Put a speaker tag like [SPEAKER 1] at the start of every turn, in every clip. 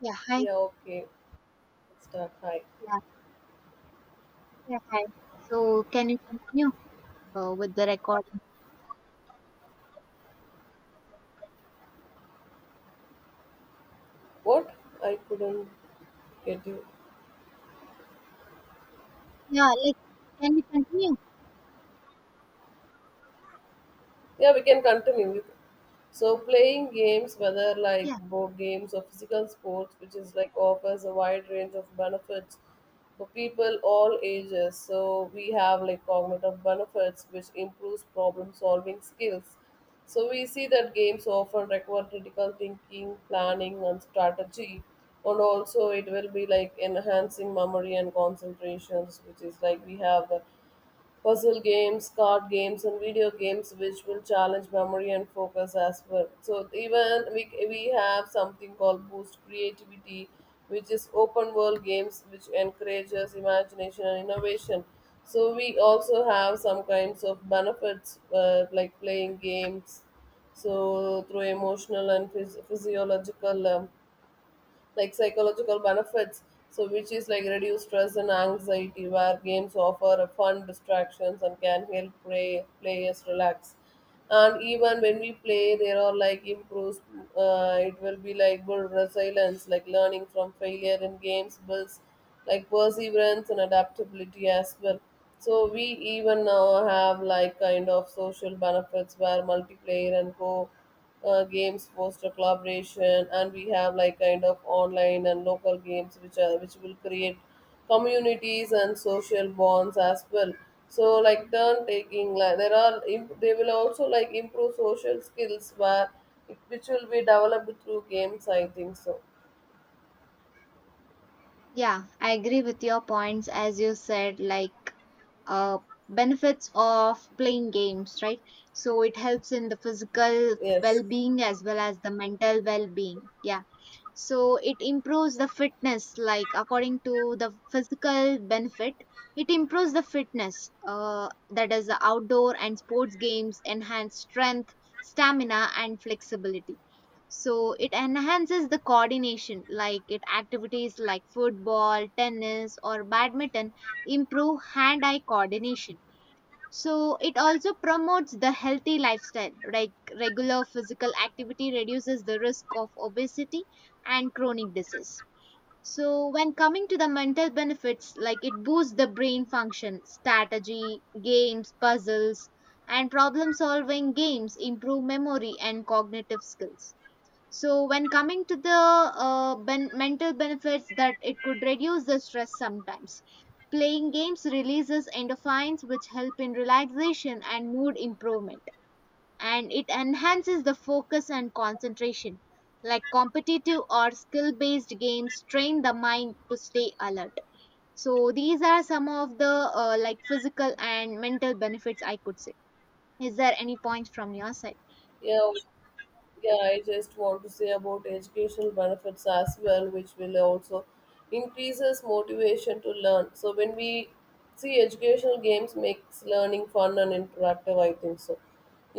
[SPEAKER 1] Yeah, hi.
[SPEAKER 2] Yeah, okay. Start. Hi.
[SPEAKER 1] Yeah, yeah, hi. So can you continue with the recording?
[SPEAKER 2] What? I couldn't get you.
[SPEAKER 1] Yeah, like can we continue?
[SPEAKER 2] Yeah, we can continue. So playing games, whether like
[SPEAKER 1] Yeah,
[SPEAKER 2] board games or physical sports, which is like offers a wide range of benefits for people all ages. So we have like cognitive benefits, which improves problem solving skills. So we see that games often require critical thinking, planning, and strategy, and also it will be like enhancing memory and concentrations, which is like we have puzzle games, card games, and video games, which will challenge memory and focus as well. So even we have something called boost creativity, which is open world games, which encourages imagination and innovation. So we also have some kinds of benefits like playing games, so through emotional and physiological. Like psychological benefits, so which is like reduce stress and anxiety where games offer a fun distractions and can help play, players relax. And even when we play there are like improves, it will be like build resilience, like learning from failure in games builds like perseverance and adaptability as well. So we even now have like kind of social benefits where multiplayer and co games foster collaboration, and we have like kind of online and local games which are which will create communities and social bonds as well. So like turn taking, like there are they will also like improve social skills where which will be developed through games, I think so.
[SPEAKER 1] yeah. I agree with your points as you said, like uh benefits of playing games, right? So it helps in the physical
[SPEAKER 2] Yes.
[SPEAKER 1] well-being as well as the mental well-being. Yeah. So it improves the fitness, like according to the physical benefit it improves the fitness, that is the outdoor and sports games enhance strength, stamina, and flexibility. So it enhances the coordination, like it activities like football, tennis, or badminton improve hand eye coordination. So it also promotes the healthy lifestyle, like regular physical activity reduces the risk of obesity and chronic disease. So when coming to the mental benefits, like it boosts the brain function, strategy, games, puzzles, and problem solving games improve memory and cognitive skills. So, when coming to the mental benefits, that it could reduce the stress sometimes. Playing games releases endorphins, which help in relaxation and mood improvement, and it enhances the focus and concentration. Like competitive or skill based games, train the mind to stay alert. So, these are some of the like physical and mental benefits I could say. Is there any points from your side?
[SPEAKER 2] Yeah. Yeah, I just want to say about educational benefits as well, which will also increases motivation to learn. So when we see educational games makes learning fun and interactive, I think so.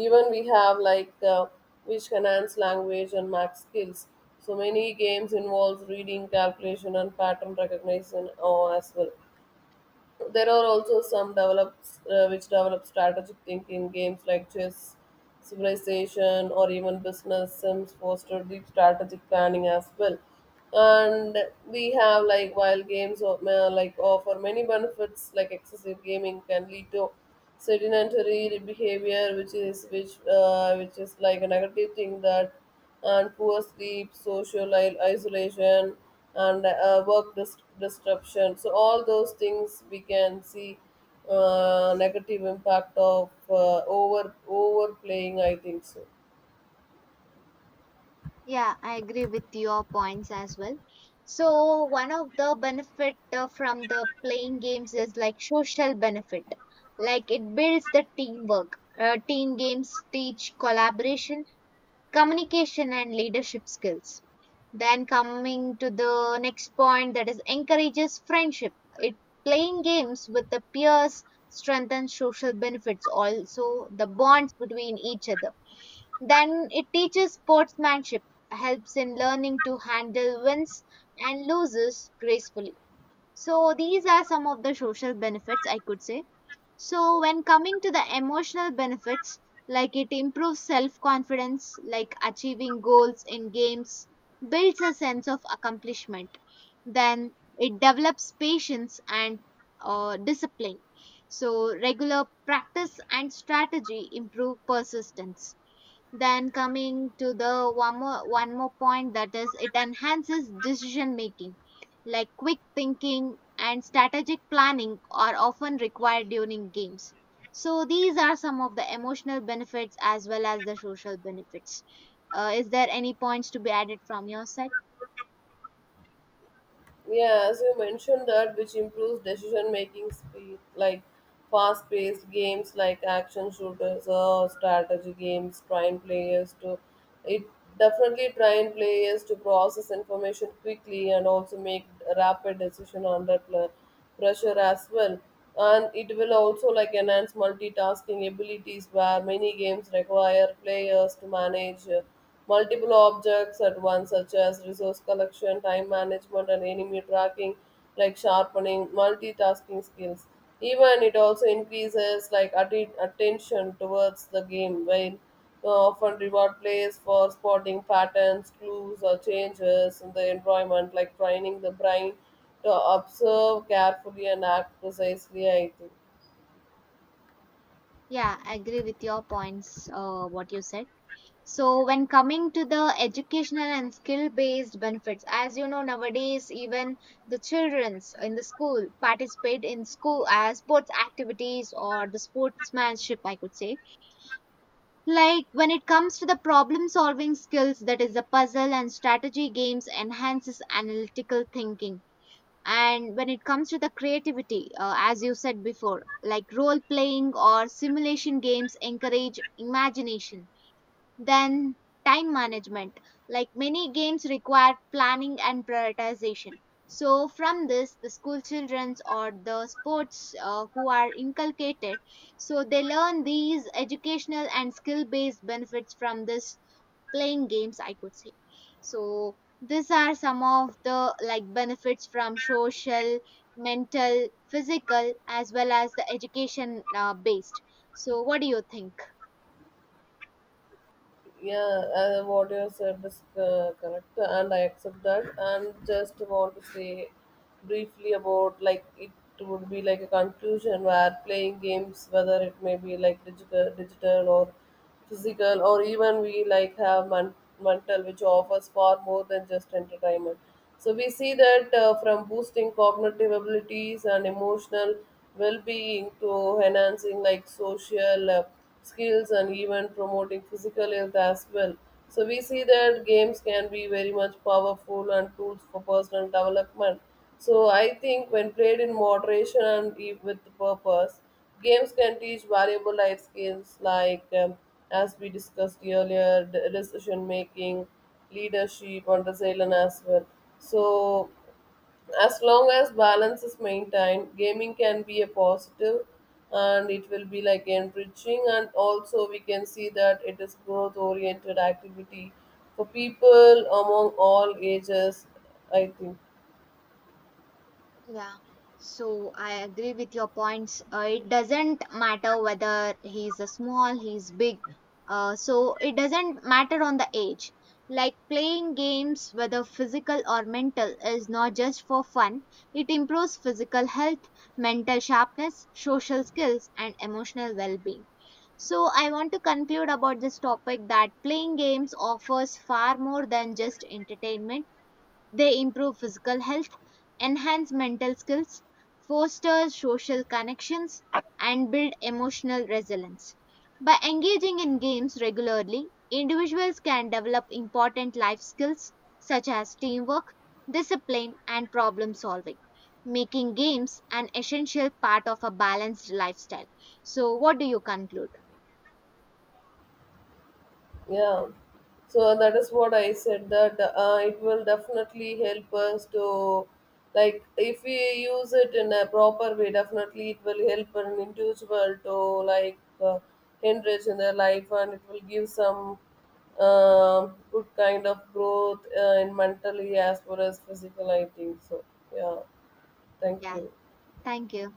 [SPEAKER 2] Even we have like which enhance language and math skills. So many games involves reading, calculation, and pattern recognition as well. There are also some develops which develop strategic thinking. Games like chess, civilization, or even business sims foster deep strategic planning as well. And we have like, while games like offer many benefits, like excessive gaming can lead to sedentary behavior, which is which is like a negative thing, that and poor sleep, social isolation, and work disruption. So all those things we can see negative impact of over overplaying, I think so.
[SPEAKER 1] Yeah, I agree with your points as well. So, one of the benefit from the playing games is like social benefit. Like it builds the teamwork. Team games teach collaboration, communication, and leadership skills. Then coming to the next point, that is encourages friendship. It playing games with the peers strengthens social benefits, also the bonds between each other. Then it teaches sportsmanship, helps in learning to handle wins and losses gracefully. So, these are some of the social benefits I could say. So, when coming to the emotional benefits, like it improves self confidence, like achieving goals in games, builds a sense of accomplishment. Then it develops patience and discipline. So, regular practice and strategy improve persistence. Then coming to the one more point, that is it enhances decision making. Like quick thinking and strategic planning are often required during games. So these are some of the emotional benefits as well as the social benefits. Is there any points to be added from your side?
[SPEAKER 2] Yeah, as you mentioned that, which improves decision making speed, like fast paced games like action shooters or strategy games, trying players to it definitely trying players to process information quickly and also make rapid decision under pressure as well. And it will also like enhance multitasking abilities where many games require players to manage, multiple objects at once, such as resource collection, time management, and enemy tracking, like sharpening multitasking skills. Even it also increases like attention towards the game, while often reward plays for spotting patterns, clues, or changes in the environment, like training the brain to observe carefully and act precisely, I think.
[SPEAKER 1] Yeah, I agree with your points, what you said. So, when coming to the educational and skill based benefits, as you know, nowadays, even the childrens in the school participate in school as sports activities or the sportsmanship, I could say. Like when it comes to the problem solving skills, that is, the puzzle and strategy games enhances analytical thinking. And when it comes to the creativity, as you said before, like role playing or simulation games encourage imagination. Then, time management. Like many games require planning and prioritization. So, from this, the school children or the sports who are inculcated, so they learn these educational and skill based benefits from this playing games, I could say. So, these are some of the like benefits from social, mental, physical, as well as the education based. So, what do you think?
[SPEAKER 2] Yeah, what you said is correct and I accept that, and just want to say briefly about like it would be like a conclusion where playing games, whether it may be like digital or physical or even we like have mental, which offers far more than just entertainment. So we see that, from boosting cognitive abilities and emotional well-being to enhancing like social skills and even promoting physical health as well. So we see that games can be very much powerful and tools for personal development. So I think when played in moderation and with purpose, games can teach valuable life skills like, as we discussed earlier, decision making, leadership, and resilience as well. So as long as balance is maintained, gaming can be a positive, and it will be like enriching, and also we can see that it is growth oriented activity for people among all ages, I think.
[SPEAKER 1] Yeah. So I agree with your points. It doesn't matter whether he's a small, he's big. So it doesn't matter on the age. Like playing games, whether physical or mental, is not just for fun. It improves physical health, mental sharpness, social skills, and emotional well-being. So I want to conclude about this topic that playing games offers far more than just entertainment. They improve physical health, enhance mental skills, foster social connections, and build emotional resilience. By engaging in games regularly, individuals can develop important life skills such as teamwork, discipline, and problem solving, making games an essential part of a balanced lifestyle. So, what do you conclude?
[SPEAKER 2] Yeah. So that is what I said, that it will definitely help us to, like if we use it in a proper way, definitely it will help an individual to, like enrich in their life, and it will give some good kind of growth in mentally as well as physical. I think so. Yeah. Thank
[SPEAKER 1] Yeah,
[SPEAKER 2] you.
[SPEAKER 1] thank you.